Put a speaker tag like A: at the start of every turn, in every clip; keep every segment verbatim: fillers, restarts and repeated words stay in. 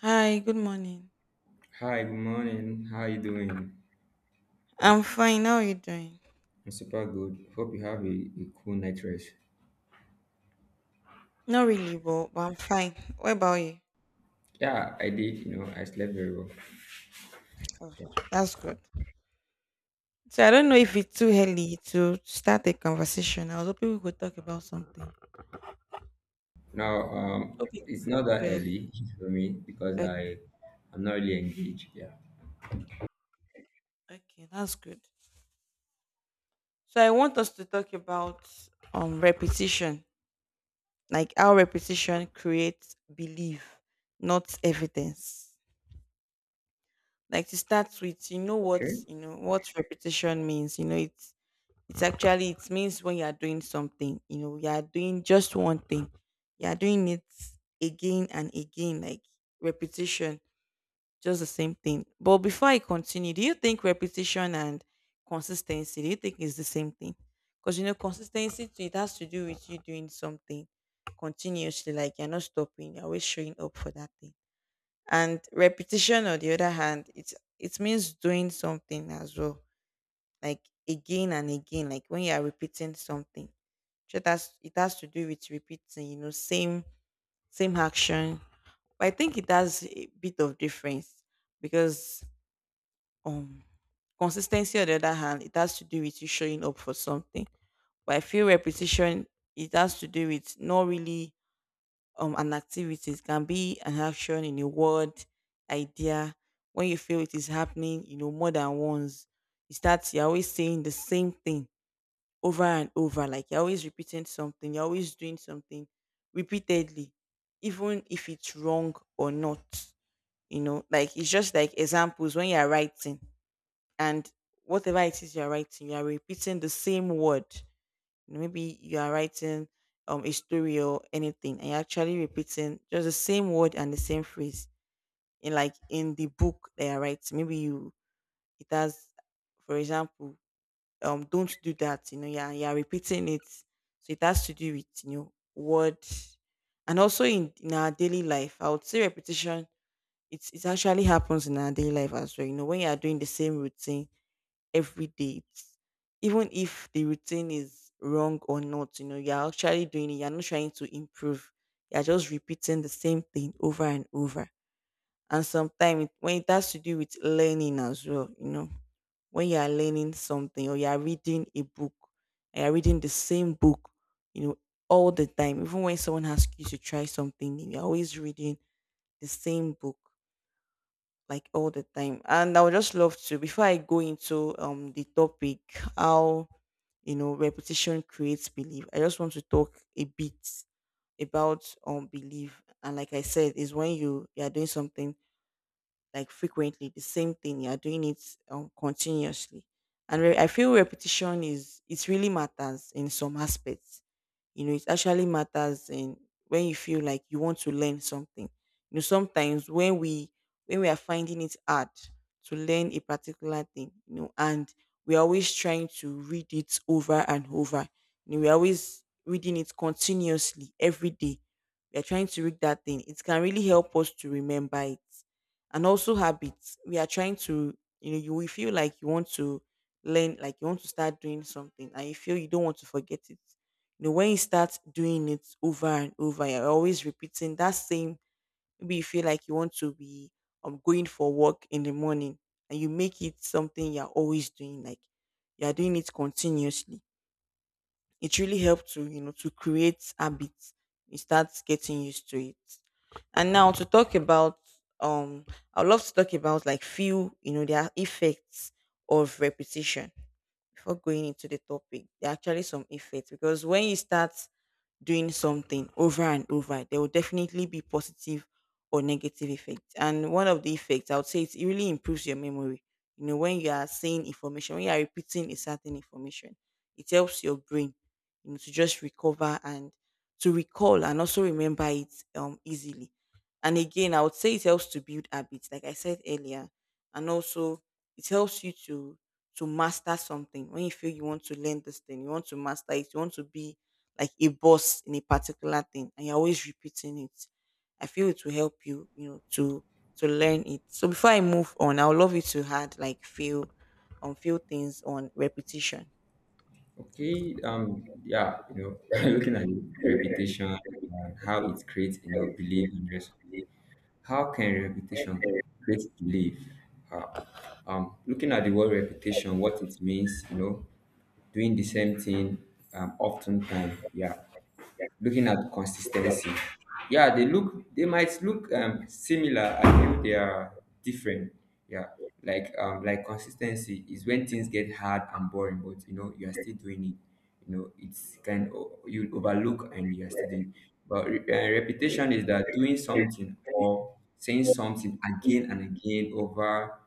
A: Hi, good morning.
B: Hi, good morning. How you doing? I'm
A: I'm fine. How are you doing?
B: super good. Hope you have a, a cool night rest.
A: Not really, but, but I'm fine. What about you?
B: Yeah, I did. You know, I slept very well.
A: Oh, that's good. So I don't know if it's too early to start a conversation. I was hoping we could talk about something.
B: Now, um,
A: Okay, it's
B: it's
A: not
B: not that
A: too early.
B: early for me because
A: Okay,
B: I, I'm not really engaged. Yeah.
A: okay, that's good. So I want us to talk about um repetition, like how repetition creates belief, not evidence. Like to start with, you know what
B: Okay.
A: you know what repetition means. You know, it it's actually, it means when you are doing something, you know, you are doing just one thing. You are doing it again and again, like repetition, just the same thing. But before I continue, do you think repetition and consistency, do you think, is the same thing? Because, you know, consistency too, it has to do with you doing something continuously, like you're not stopping, you're always showing up for that thing. And repetition, on the other hand, it's it means doing something as well, like again and again, like when you are repeating something. Sure, that's, it has to do with repeating, you know, same same action. But I think it has a bit of difference because um consistency, on the other hand, it has to do with you showing up for something. But I feel repetition, it has to do with, not really um an activity, it can be an action, in a word, idea, when you feel it is happening, you know, more than once. You start you're always saying the same thing over and over. Like, you're always repeating something, you're always doing something repeatedly, even if it's wrong or not. You know, like, it's just like examples when you're writing, and whatever it is you're writing, you're repeating the same word. You know, maybe you are writing um a story or anything, and you're actually repeating just the same word and the same phrase. In, like in the book that you're writing, maybe you, it has, for example, um don't do that, you know. Yeah, you're repeating it, so it has to do with, you know, word. And also, in, in our daily life, I would say repetition, it's it actually happens in our daily life as well, you know, when you are doing the same routine every day it's, Even if the routine is wrong or not, you know, you're actually doing it, you're not trying to improve, you're just repeating the same thing over and over. And sometimes when it has to do with learning as well, you know, when you are learning something, or you are reading a book, and you're reading the same book, you know, all the time, even when someone asks you to try something new, you're always reading the same book, like all the time. And I would just love to, before I go into um the topic, how, you know, repetition creates belief, I just want to talk a bit about um belief. And like I said, is when you you are doing something like frequently, the same thing you're doing it um, continuously. And re- I feel repetition, is it really matters in some aspects. You know, it actually matters in, when you feel like you want to learn something. You know, sometimes when we when we are finding it hard to learn a particular thing, you know, and we're always trying to read it over and over. You know, we're always reading it continuously every day, we're trying to read that thing, it can really help us to remember it. And also habits, we are trying to, you know, you will feel like you want to learn, like you want to start doing something and you feel you don't want to forget it. You know, when you start doing it over and over, you're always repeating that same. Maybe you feel like you want to be um, going for work in the morning, and you make it something you're always doing, like, you're doing it continuously. It really helps to, you know, to create habits. You start getting used to it. And now to talk about um, I would love to talk about, like, few, you know, there are effects of repetition before going into the topic. There are actually some effects, because when you start doing something over and over, there will definitely be positive or negative effects. And one of the effects, I would say, it's, it really improves your memory. You know, when you are saying information, when you are repeating a certain information, it helps your brain, you know, to just recover, and to recall, and also remember it um, easily. And again, I would say it helps to build habits, like I said earlier, and also it helps you to to master something. When you feel you want to learn this thing, you want to master it, you want to be like a boss in a particular thing, and you're always repeating it. I feel it will help you, you know, to to learn it. So before I move on, I would love you to add, like, few, on few things on repetition.
B: Okay. Um. Yeah. You know, looking at reputation and how it creates, you know, belief in rest. How can reputation create belief? How? Um. Looking at the word reputation, what it means, you know, doing the same thing um often time. Yeah, looking at consistency. Yeah, they look they might look um similar. I They are different. Yeah, like um like consistency is when things get hard and boring, but you know you are still doing it. You know, it's kind of you overlook and you are still doing. But re- uh, repetition is that doing something or saying something again and again over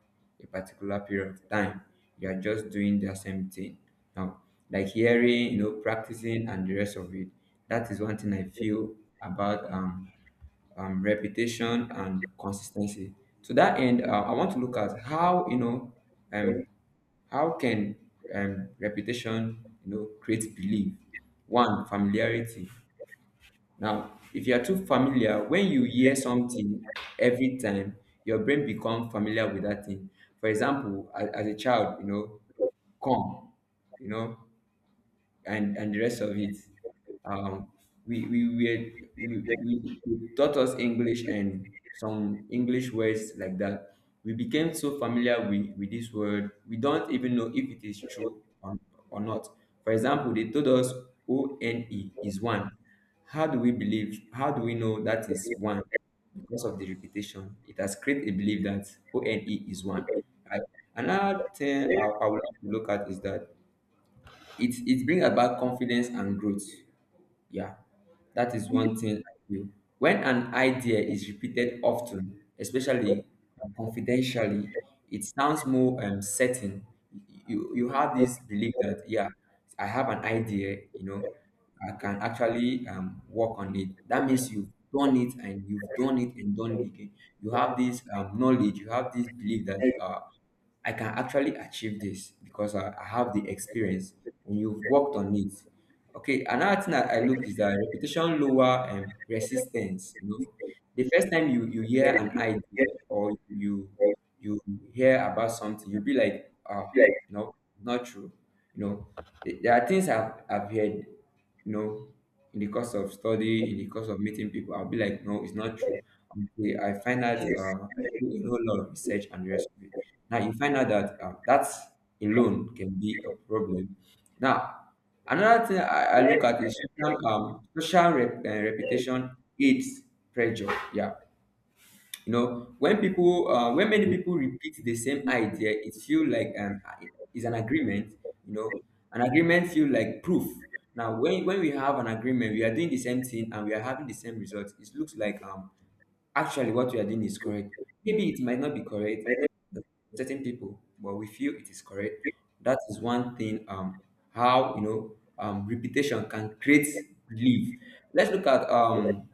B: a particular period of time. You are just doing the same thing. Now, like hearing, you know, practicing and the rest of it. That is one thing I feel about um, um, repetition and consistency. To that end, uh, I want to look at how, you know, um, how can um, repetition, you know, create belief? One, familiarity. Now, if you are too familiar, when you hear something every time, your brain becomes familiar with that thing. For example, as, as a child, you know, come, you know, and and the rest of it. Um, we we were we, we, we taught us English and some English words like that. We became so familiar with, with this word, we don't even know if it is true or, or not. For example, they told us O N E is one. How do we believe? How do we know that is one? Because of the repetition, it has created a belief that O N E is one. I, Another thing I, I would like to look at is that it it bring about confidence and growth. Yeah, that is one thing I feel. When an idea is repeated often, especially confidentially, it sounds more um, certain. You, you have this belief that, yeah, I have an idea, you know, I can actually um, work on it. That means you've done it and you've done it and done it again. You have this um, knowledge, you have this belief that uh, I can actually achieve this because I, I have the experience and you've worked on it. Okay, another thing that I look is that reputation lower um, resistance. You know, the first time you you hear an idea or you you hear about something, you'll be like, ah, no, not true. You know, th- there are things I've I've heard. You know, in the course of study, in the course of meeting people, I'll be like, no, it's not true. Okay, I find out
A: Yes.
B: uh, I do a whole lot of research and the rest of it. Now you find out that uh, that alone can be a problem. Now, another thing I, I look at is social, um, social rep, uh, reputation aids pressure. Yeah, you know when people uh, when many people repeat the same idea, it feels like an is an agreement, you know, an agreement feel like proof. Now, when when we have an agreement, we are doing the same thing and we are having the same results, it looks like um actually what we are doing is correct. Maybe it might not be correct to certain people, but we feel it is correct. That is one thing, um how you know um repetition can create belief. Let's look at um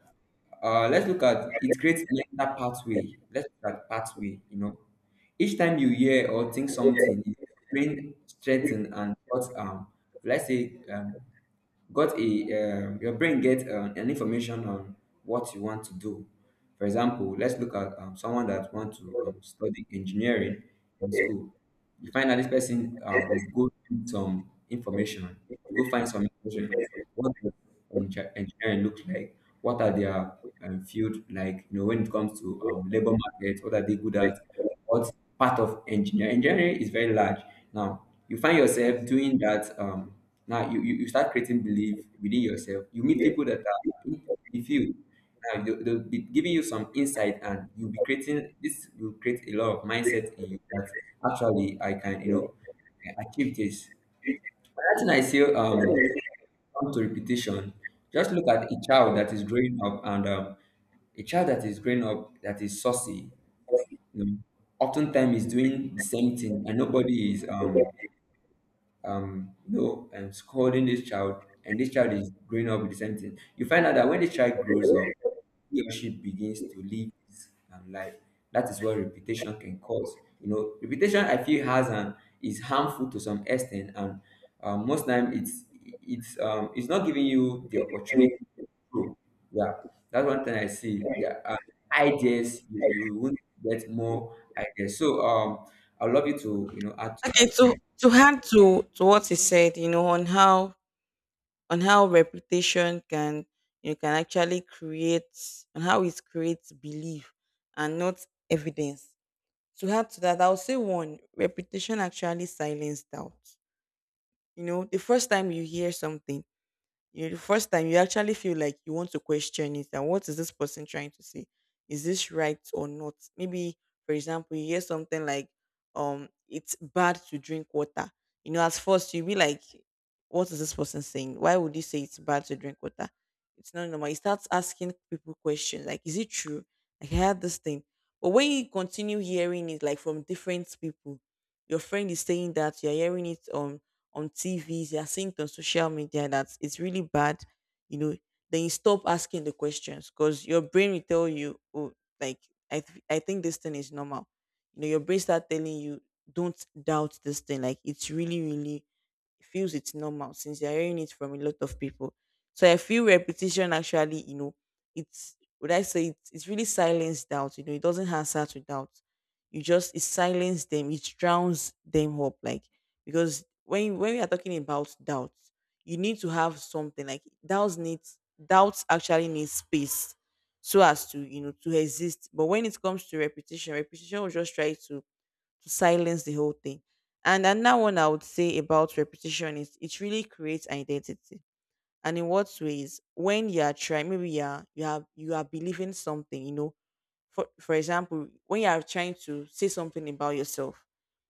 B: uh, let's look at it creates mental pathway. Let's look at pathway. You know, each time you hear or think something, it brain strengthen and thoughts um. Let's say um, got a um, your brain get um, an information on what you want to do. For example, let's look at um, someone that want to um, study engineering in school. You find that this person uh, will go need some information, go find some information. What does enge- engineering look like? What are their um, field like? You know, when it comes to um, labor market, what are they good at? What part of engineering? Engineering is very large. Now, you find yourself
A: Yes.
B: doing that, um, now you, you, you start creating belief within yourself. You meet people that are in the field. Now they'll, they'll be giving you some insight, and you'll be creating this will create a lot of mindset in you that actually I can, you know, achieve this. Another thing I say, um come to repetition. Just look at a child that is growing up, and um, a child that is growing up that is saucy, you know, oftentimes is doing the same thing, and nobody is um um, you know, um, scolding this child, and this child is growing up with the same thing. You find out that when the child grows up, he or she begins to live his um, life. That is what reputation can cause. You know, reputation I feel has an is harmful to some extent, and um, most time it's it's um it's not giving you the opportunity to grow. Yeah, that's one thing I see. There are ideas you, you won't get more ideas. So um, I'd love you to, you know, add to
A: Okay, so
B: that.
A: to add to to what he said, you know, on how, on how reputation can, you can actually create, on how it creates belief and not evidence. To add to that, I'll say, one, reputation actually silence doubt. You know, the first time you hear something, you know, the first time you actually feel like you want to question it, and what is this person trying to say, is this right or not? Maybe, for example, you hear something like, um it's bad to drink water. You know, at first you'll be like, what is this person saying, why would you say it's bad to drink water, it's not normal. You start asking people questions like, is it true, like, I had this thing. But when you continue hearing it, like from different people, your friend is saying that, you're hearing it um on T Vs, you're seeing it on social media that it's really bad, you know, then you stop asking the questions, because your brain will tell you, oh, like, I, th- I think this thing is normal. You know, your brain start telling you, don't doubt this thing. Like, it's really, really, it feels it's normal, since you're hearing it from a lot of people. So I feel repetition actually, you know, it's would I say, it's, it's really silence doubt. You know, it doesn't answer to doubt. You just, it silence them. It drowns them up. Like, because when when we are talking about doubt, you need to have something, like doubts needs doubts actually needs space, so as to, you know, to exist. But when it comes to repetition, repetition will just try to to silence the whole thing. And another one I would say about repetition is, it really creates identity. And in what ways? When you are trying, maybe you are, you are you are believing something, you know. For for example, when you are trying to say something about yourself,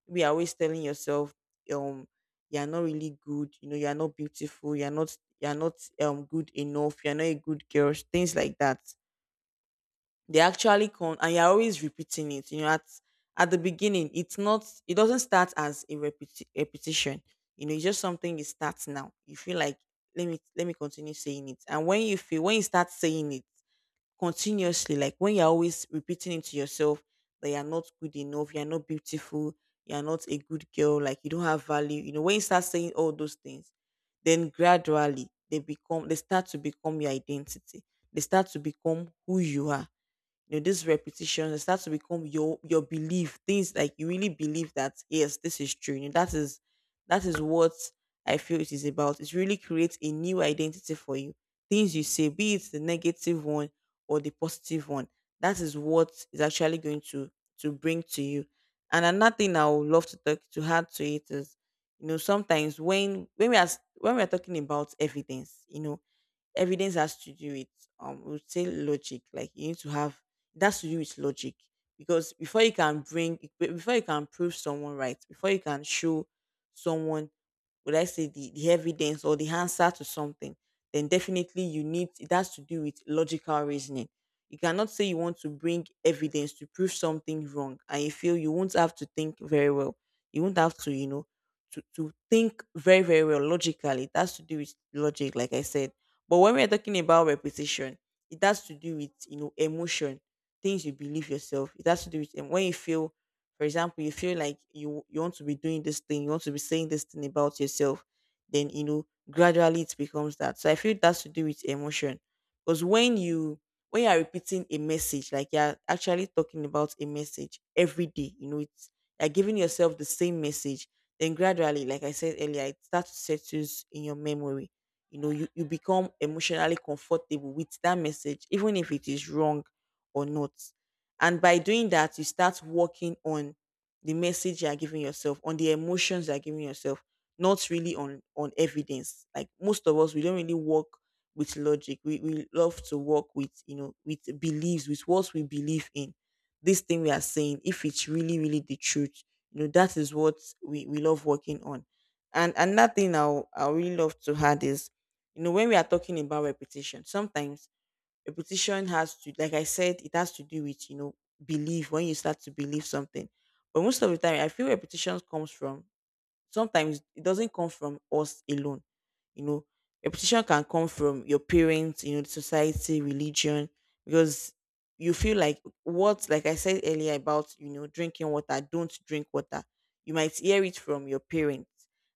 A: maybe you're always telling yourself, um, you are not really good, you know, you are not beautiful, you are not you are not um good enough, you are not a good girl, things like that. They actually come, and you're always repeating it, you know, at at the beginning, it's not it doesn't start as a repeti- repetition. You know, it's just something you start. Now you feel like, let me let me continue saying it, and when you feel when you start saying it continuously, like, when you're always repeating it to yourself that you're not good enough, you're not beautiful, you're not a good girl, like you don't have value, you know, when you start saying all those things, then gradually, they become they start to become your identity. They start to become who you are. You know, this repetition, it starts to become your your belief. Things like, you really believe that, yes, this is true, you know, that is that is what I feel it is about. It really creates a new identity for you. Things you say, be it the negative one, or the positive one, that is what is actually going to to bring to you. And another thing I would love to talk, to add to it, is, you know, sometimes when when we are s- when we are talking about evidence, you know, evidence has to do with, um we would say, logic, like you need to have, that's to do with logic. Because before you can bring, be- before you can prove someone right, before you can show someone, would I say the, the evidence, or the answer to something, then definitely you need, it has to do with logical reasoning. You cannot say you want to bring evidence to prove something wrong, and you feel You won't have to think very well. You won't have to you know to, to think very very well logically. It has to do with logic like I said. But when we're talking about repetition, it has to do with you know emotion, things you believe yourself. It has to do with. And when you feel, for example, you feel like you you want to be doing this thing, you want to be saying this thing about yourself, then you know gradually it becomes that. So I feel it has to do with emotion, because when you when you are repeating a message, like you're actually talking about a message every day, you know it's you're giving yourself the same message. Then gradually, like I said earlier, it starts to settle in your memory. You know you, you become emotionally comfortable with that message even if it is wrong or not. And by doing that you start working on the message you are giving yourself, on the emotions you are giving yourself, not really on on evidence. Like most of us, we don't really work with logic. We, we love to work with you know with beliefs, with what we believe in, this thing we are saying, if it's really really the truth. You know that is what we, we love working on. And another thing I'll, I really love to add is, you know, when we are talking about repetition, sometimes repetition has to, like I said, it has to do with, you know, belief, when you start to believe something. But most of the time, I feel repetition comes from, sometimes it doesn't come from us alone. You know, repetition can come from your parents, you know, the society, religion, because you feel like what, like I said earlier about, you know, drinking water, don't drink water. You might hear it from your parents.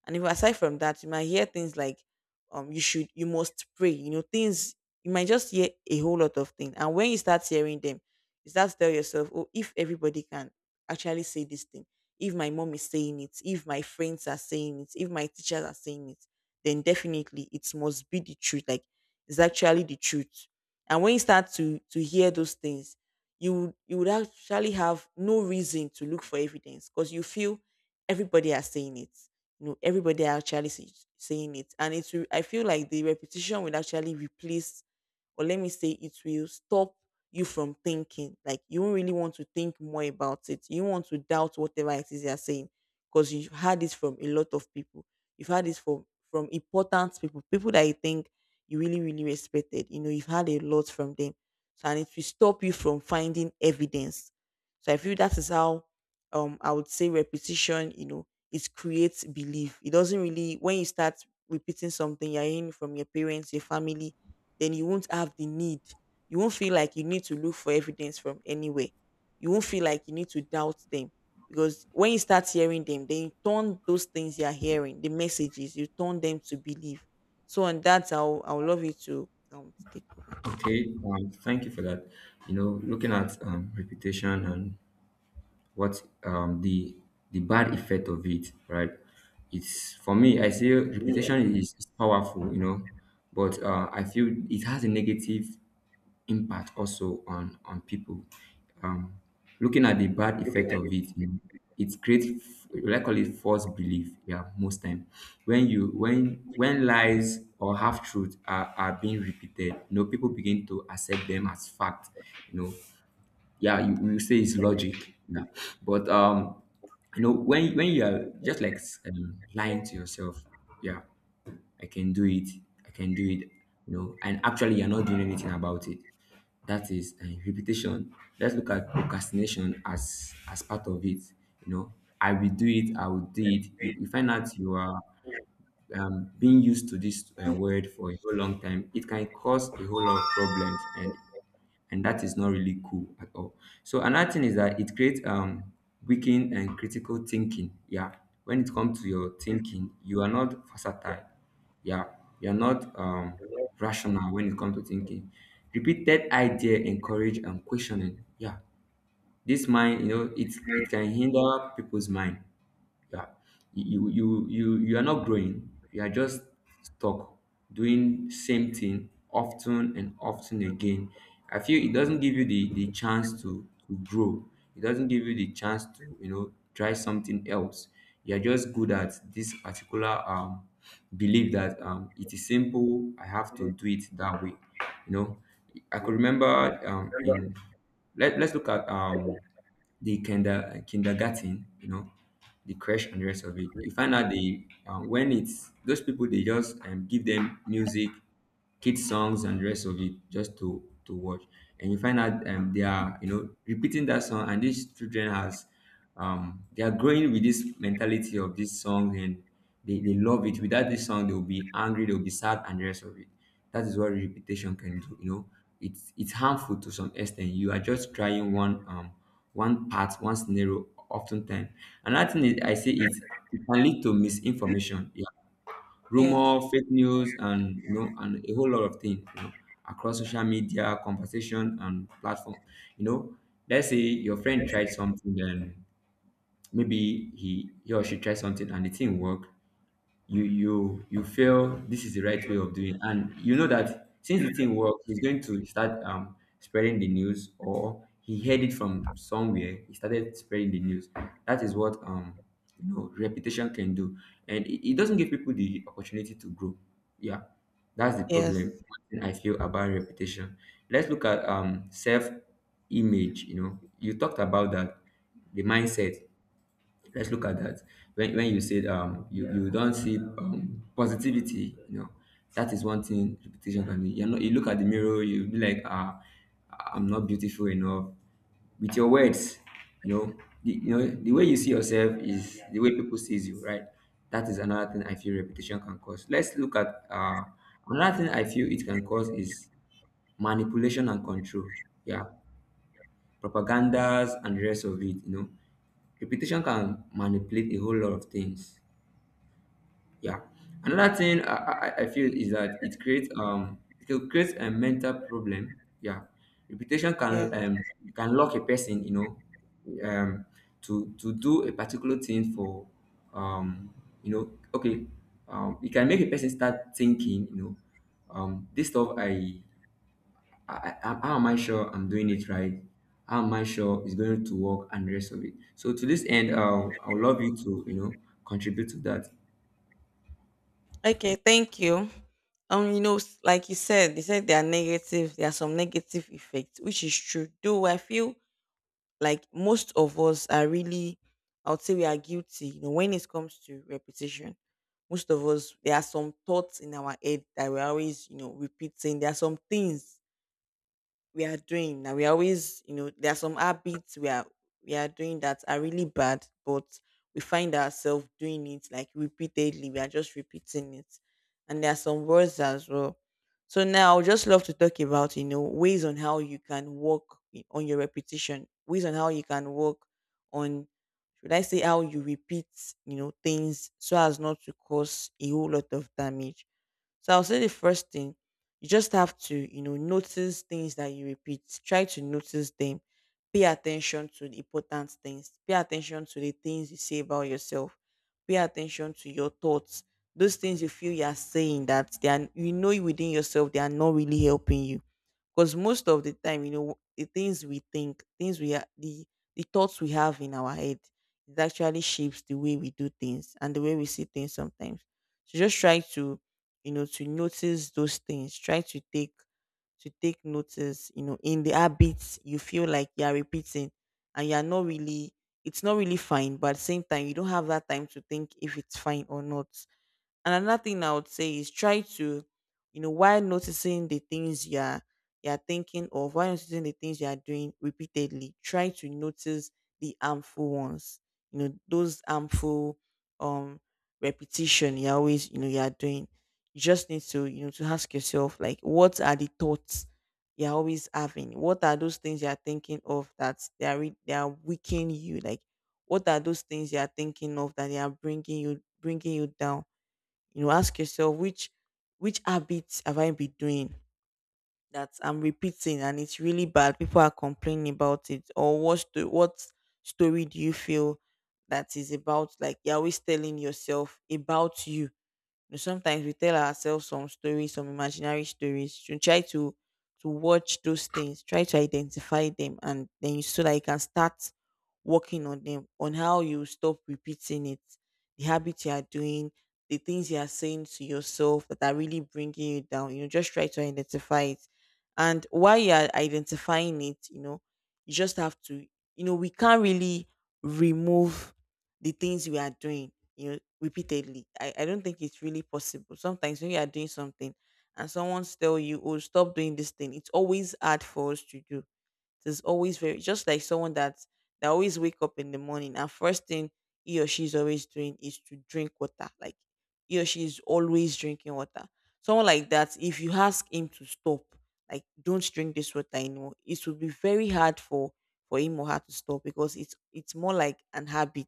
A: And if aside from that, you might hear things like, um, you should, you must pray, you know, things, you might just hear a whole lot of things. And when you start hearing them, you start to tell yourself, oh, if everybody can actually say this thing, if my mom is saying it, if my friends are saying it, if my teachers are saying it, then definitely it must be the truth. Like it's actually the truth. And when you start to to hear those things, you would- you would actually have no reason to look for evidence because you feel everybody are saying it. You know, everybody are actually say- saying it, and it will. I feel like the repetition will actually replace, or let me say, it will stop you from thinking. Like you won't really want to think more about it. You want to doubt whatever it is they're saying because you've had this from a lot of people. You've had this from from important people, people that you think you really really respected. You know, you've had a lot from them, so, and it will stop you from finding evidence. So I feel that is how um I would say repetition. You know, it creates belief. It doesn't really. When you start repeating something you're hearing from your parents, your family, then you won't have the need, you won't feel like you need to look for evidence from anywhere. You won't feel like you need to doubt them, because when you start hearing them, then you turn those things you are hearing, the messages, you turn them to believe. So and that's how I'll love you to um take over.
B: Okay, um, thank you for that. You know, looking at um, reputation and what um, the the bad effect of it, right? It's for me. I say reputation is, is powerful, you know, but uh, I feel it has a negative impact also on on people. Um, looking at the bad effect of it, you know, it creates like call it false belief. Yeah, most time when you when when lies or half truth are, are being repeated, you know, people begin to accept them as fact. You know, yeah, you, you say it's logic. Yeah, but um you know, when when you are just like um, lying to yourself. Yeah, I can do it, I can do it, you know, and actually you're not doing anything about it. That is uh, repetition. Let's look at procrastination as as part of it, you know, I will do it, I will do it. You, you find out you are um, being used to this um, word for a whole long time. It can cause a whole lot of problems, and and that is not really cool at all. So another thing is that it creates um weakened and critical thinking. Yeah, when it comes to your thinking, you are not versatile. Yeah, you are not um rational when it comes to thinking. Repeated idea encourage and questioning. Yeah, this mind, you know, it it can hinder people's mind. Yeah, you you you you are not growing, you are just stuck doing same thing often and often again. I feel it doesn't give you the the chance to to grow. It doesn't give you the chance to, you know, try something else. You are just good at this particular um belief that um it is simple, I have to do it that way. You know, I could remember um in, let, let's look at um the kinder kindergarten, you know, the crash and the rest of it. You find out the um, when it's those people they just um, give them music, kids songs and the rest of it just to to watch, and you find out um, they are, you know, repeating that song, and these children has um they are growing with this mentality of this song, and they, they love it. Without this song, they'll be angry, they'll be sad and the rest of it. That is what repetition can do, you know. It's it's harmful to some extent. You are just trying one, um one part, one scenario oftentimes. Another thing is I say it's, it can lead to misinformation. Yeah,
A: Yes,
B: rumor, fake news, and you know, and a whole lot of things, you know, across social media conversation and platform. You know, let's say your friend tried something, then maybe he he or she tries something and the thing work. You you you feel this is the right way of doing it. And you know that since the thing work, he's going to start um spreading the news, or he heard it from somewhere, he started spreading the news. That is what, um you know, reputation can do, and it, it doesn't give people the opportunity to grow. Yeah, that's the problem,
A: yes,
B: one thing I feel about reputation. Let's look at um self image, you know, you talked about that, the mindset, let's look at that. When, when you said um you, you don't see um, positivity, you know, that is one thing repetition can be. You know, you look at the mirror, you be like, ah, I'm not beautiful enough. With your words, you know, the, you know the way you see yourself is the way people sees you, right? That is another thing I feel repetition can cause. Let's look at uh, another thing I feel it can cause is manipulation and control. Yeah, propagandas and the rest of it, you know. Reputation can manipulate a whole lot of things. Yeah. Another thing I, I, I feel is that it creates um it can create a mental problem. Yeah. Reputation
A: yeah.
B: can um can lock a person, you know, um to to do a particular thing for um you know okay, um it can make a person start thinking, you know, um this stuff I I, I, how am I sure I'm doing it right? How am I sure it's going to work and the rest of it? So to this end, I'll, I'll love you to, you know, contribute to that.
A: Okay, thank you. Um, you know, s- like you said, they said there are negative, there are some negative effects, which is true. Do I feel like most of us are really, I would say we are guilty. You know, when it comes to repetition, most of us there are some thoughts in our head that we're always, you know, repeating. There are some things we are doing now. We are always, you know, there are some habits we are we are doing that are really bad, but we find ourselves doing it like repeatedly. We are just repeating it. And there are some words as well. So now I would just love to talk about, you know, ways on how you can work I- on your repetition, ways on how you can work on, should I say, how you repeat, you know, things so as not to cause a whole lot of damage. So I'll say the first thing, you just have to, you know, notice things that you repeat. Try to notice them. Pay attention to the important things. Pay attention to the things you say about yourself. Pay attention to your thoughts. Those things you feel you are saying that they are, you know, within yourself they are not really helping you, because most of the time, you know, the things we think, things we are, the the thoughts we have in our head, it actually shapes the way we do things and the way we see things sometimes. So just try to, you know, to notice those things. Try to take to take notice, you know, in the habits you feel like you are repeating and you are not really, it's not really fine, but at the same time, you don't have that time to think if it's fine or not. And another thing I would say is try to, you know, while noticing the things you are you are thinking of, while noticing the things you are doing repeatedly, try to notice the harmful ones. You know, those harmful um repetition you are always, you know, you are doing. You just need to, you know, to ask yourself, like, what are the thoughts you're always having? What are those things you're thinking of that they are re- they are weakening you? Like what are those things you're thinking of that they are bringing you bringing you down? You know, ask yourself which which habits have I been doing that I'm repeating and it's really bad, people are complaining about it, or what sto- what story do you feel that is about, like you're always telling yourself about. You know, sometimes we tell ourselves some stories, some imaginary stories. You try to to watch those things, try to identify them, and then you, so that you can start working on them, on how you stop repeating it, the habits you are doing, the things you are saying to yourself that are really bringing you down. You know, just try to identify it, and while you are identifying it, you know, you just have to, you know, we can't really remove the things we are doing, you know, repeatedly. I, I don't think it's really possible. Sometimes when you are doing something and someone tell you, oh, stop doing this thing, it's always hard for us to do. It's always very, just like someone that that always wake up in the morning and first thing he or she is always doing is to drink water. Like he or she is always drinking water. Someone like that, if you ask him to stop, like don't drink this water anymore, it would be very hard for for him or her to stop because it's it's more like an habit.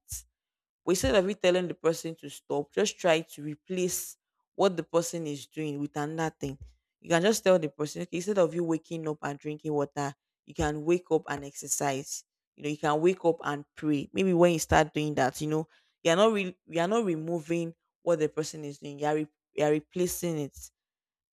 A: But instead of you telling the person to stop, just try to replace what the person is doing with another thing. You can just tell the person, okay, instead of you waking up and drinking water, you can wake up and exercise. You know, you can wake up and pray. Maybe when you start doing that, you know, you're not really, you're not removing what the person is doing. You're re- you're replacing it.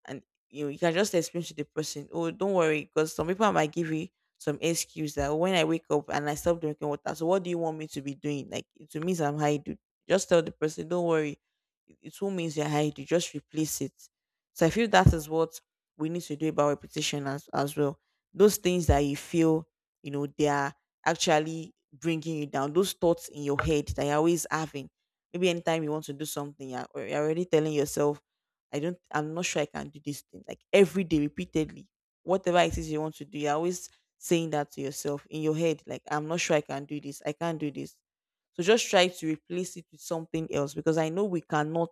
A: And you know, you can just explain to the person, oh, don't worry, because some people might give you some excuse that, oh, when I wake up and I stop drinking water, so what do you want me to be doing? Like it means I'm high, dude. Just tell the person, don't worry, it it won't means you're hired. You just replace it. So I feel that is what we need to do about repetition as, as well. Those things that you feel, you know, they are actually bringing you down. Those thoughts in your head that you're always having. Maybe anytime you want to do something, you're al- you're already telling yourself, I don't, I'm not sure I can do this thing. Like every day, repeatedly, whatever it is you want to do, you're always saying that to yourself in your head, like, I'm not sure I can do this. I can't do this. So just try to replace it with something else, because I know we cannot,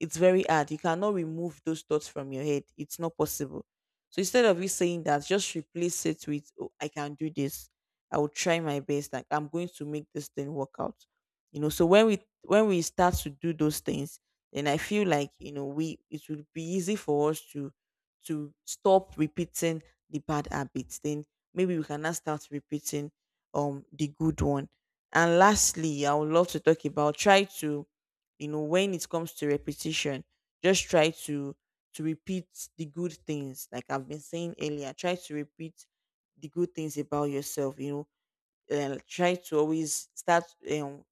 A: it's very hard. You cannot remove those thoughts from your head. It's not possible. So instead of you saying that, just replace it with, oh, I can do this. I will try my best. Like I'm going to make this thing work out. You know, so when we when we start to do those things, then I feel like, you know, we it will be easy for us to to stop repeating the bad habits. Then maybe we can now start repeating um the good one. And lastly, I would love to talk about, try to, you know, when it comes to repetition, just try to to repeat the good things. Like I've been saying earlier, try to repeat the good things about yourself. You know, um, try to always start um,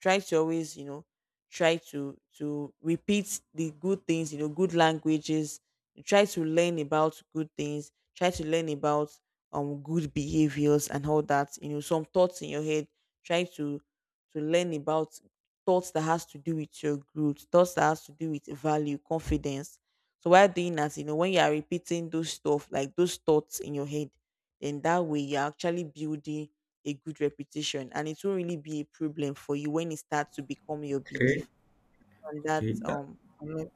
A: try to always, you know, try to to repeat the good things, you know, good languages, try to learn about good things, try to learn about um good behaviors and all that. You know, some thoughts in your head, try to to learn about thoughts that has to do with your growth, thoughts that has to do with value, confidence. So while doing that, you know, when you are repeating those stuff, like those thoughts in your head, then that way you're actually building a good reputation, and it won't really be a problem for you when it starts to become your
B: Okay.
A: belief. And
B: Okay.
A: that's um I'm not-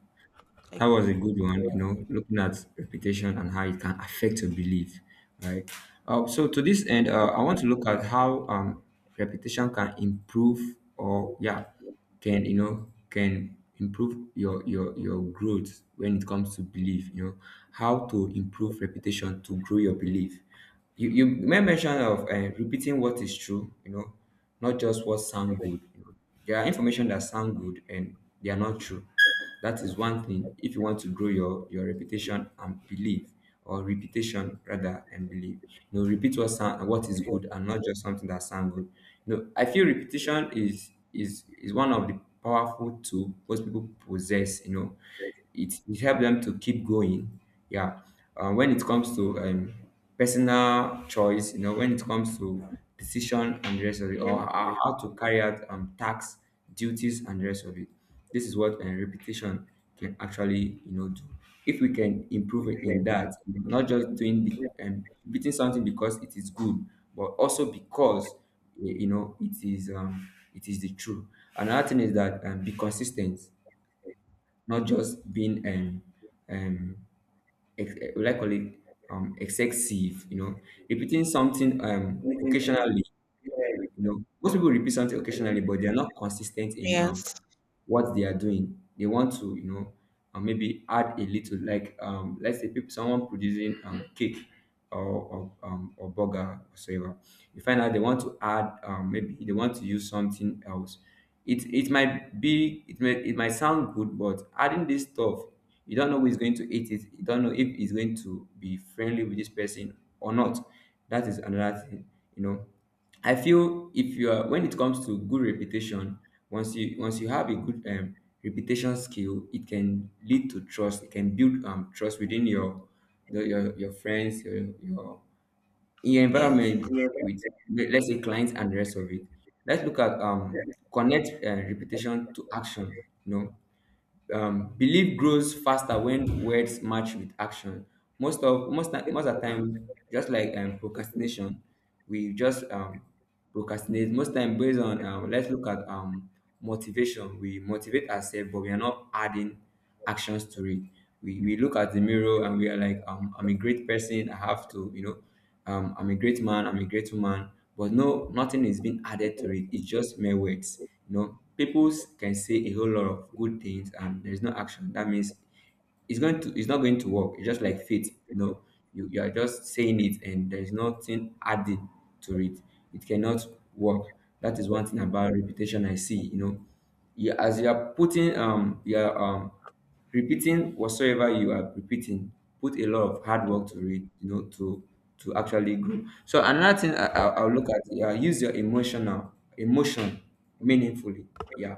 A: like,
B: That was a good one, you know, looking at reputation and how it can affect your belief, right? Uh, so to this end, uh, I want to look at how um, reputation can improve or yeah, can you know can improve your your your growth when it comes to belief. You know how to improve reputation to grow your belief. You you made mention of uh, repeating what is true. You know, not just what sound good. You know. There are information that sound good and they are not true. That is one thing, if you want to grow your your reputation and belief, or reputation rather and belief, you know, repeat what sound what is good and not just something that sound good. You know, I feel repetition is is is one of the powerful tool most people possess, you know. It, it helps them to keep going, yeah. Uh, when it comes to um, personal choice, you know, when it comes to decision and the rest of it, or ho- how to carry out um, tasks, duties, and the rest of it. This is what uh, repetition can actually you know do. If we can improve in that, not just doing the um, repeating something because it is good, but also because y- you know it is um, it is the truth. Another thing is that, um, be consistent, not just being um, um, ex- eh, will I call it um, excessive. You know, repeating something um, occasionally. You know, most people repeat something occasionally, but they are not consistent in um
A: yes,
B: what they are doing. They want to, you know, uh, maybe add a little, like, um, let's say people, someone producing um, cake or or, um, or burger or whatever. You find out they want to add, um, maybe they want to use something else. It it might be it may it might sound good, but adding this stuff, you don't know who is going to eat it. You don't know if it's going to be friendly with this person or not. That is another thing, you know. I feel if you are when it comes to good reputation, once you once you have a good um, reputation skill, it can lead to trust. It can build um, trust within your the, your your friends, your your in your
A: yes,
B: environment with le- let's say clients and the rest of it. Let's look at um connect uh, reputation to action. You know, um, belief grows faster when words match with action. Most of most ti- most of the time, just like um, procrastination, we just um, procrastinate. Most time based on um, let's look at um, motivation. We motivate ourselves, but we are not adding actions to it. We, we look at the mirror and we are like, um, I'm a great person. I have to, you know, um, I'm a great man. I'm a great woman. But no, nothing is being added to it. It's just mere words. You know, people can say a whole lot of good things and there's no action. That means it's going to it's not going to work. It's just like faith. No, you, you are just saying it and there's nothing added to it. It cannot work. That is one thing about repetition I see. You know, you, as you are putting um you are um repeating whatsoever you are repeating, put a lot of hard work to read, you know, to to actually grow. So another thing I, I'll, I'll look at, yeah, use your emotional emotion meaningfully, yeah,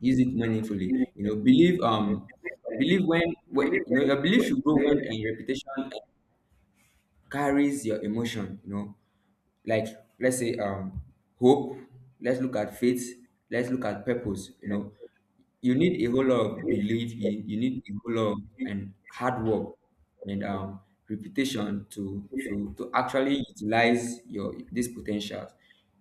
B: use it meaningfully. You know, believe um believe when, when you know your belief should grow when a reputation carries your emotion. You know, like let's say um hope. Let's look at faith. Let's look at purpose. You know, you need a whole lot of belief. You, you need a whole lot of and hard work and um, reputation to to to actually utilize your these potentials.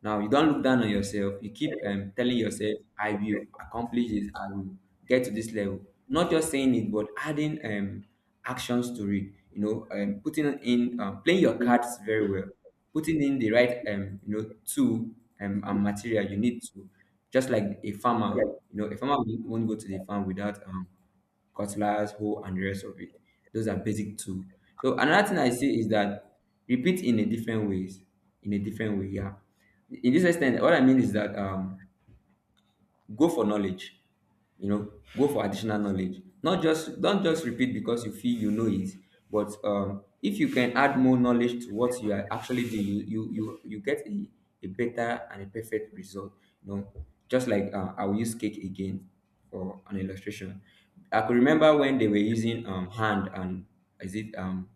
B: Now you don't look down on yourself. You keep um, telling yourself, "I will accomplish this. I will get to this level." Not just saying it, but adding um, actions to it. You know, um, putting in um, playing your cards very well, putting in the right um, you know tool, um, and material you need to. Just like a farmer, you know, a farmer won't won't go to the farm without um, cutlass, hoe, and the rest of it. Those are basic tools. So another thing I see is that repeat in a different ways, in a different way. Yeah. In this extent, what I mean is that, um, go for knowledge, you know, go for additional knowledge, not just don't just repeat because you feel you know it, but um if you can add more knowledge to what you are actually doing, you you you, you get a, a better and a perfect result, you know. Just like, uh, I will use cake again for an illustration. I could remember when they were using um hand and is it um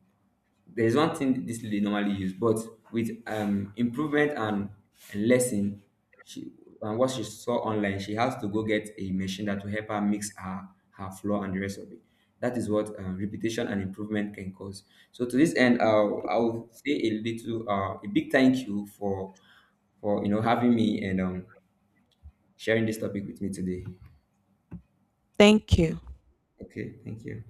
B: there's one thing this lady normally use, but with um improvement and lesson, she and what she saw online, she has to go get a machine that will help her mix her her flour and the rest of it. That is what uh, repetition and improvement can cause. So to this end, I'll I'll say a little uh, a big thank you for for you know having me and um sharing this topic with me today.
A: thank you.
B: Okay, thank you.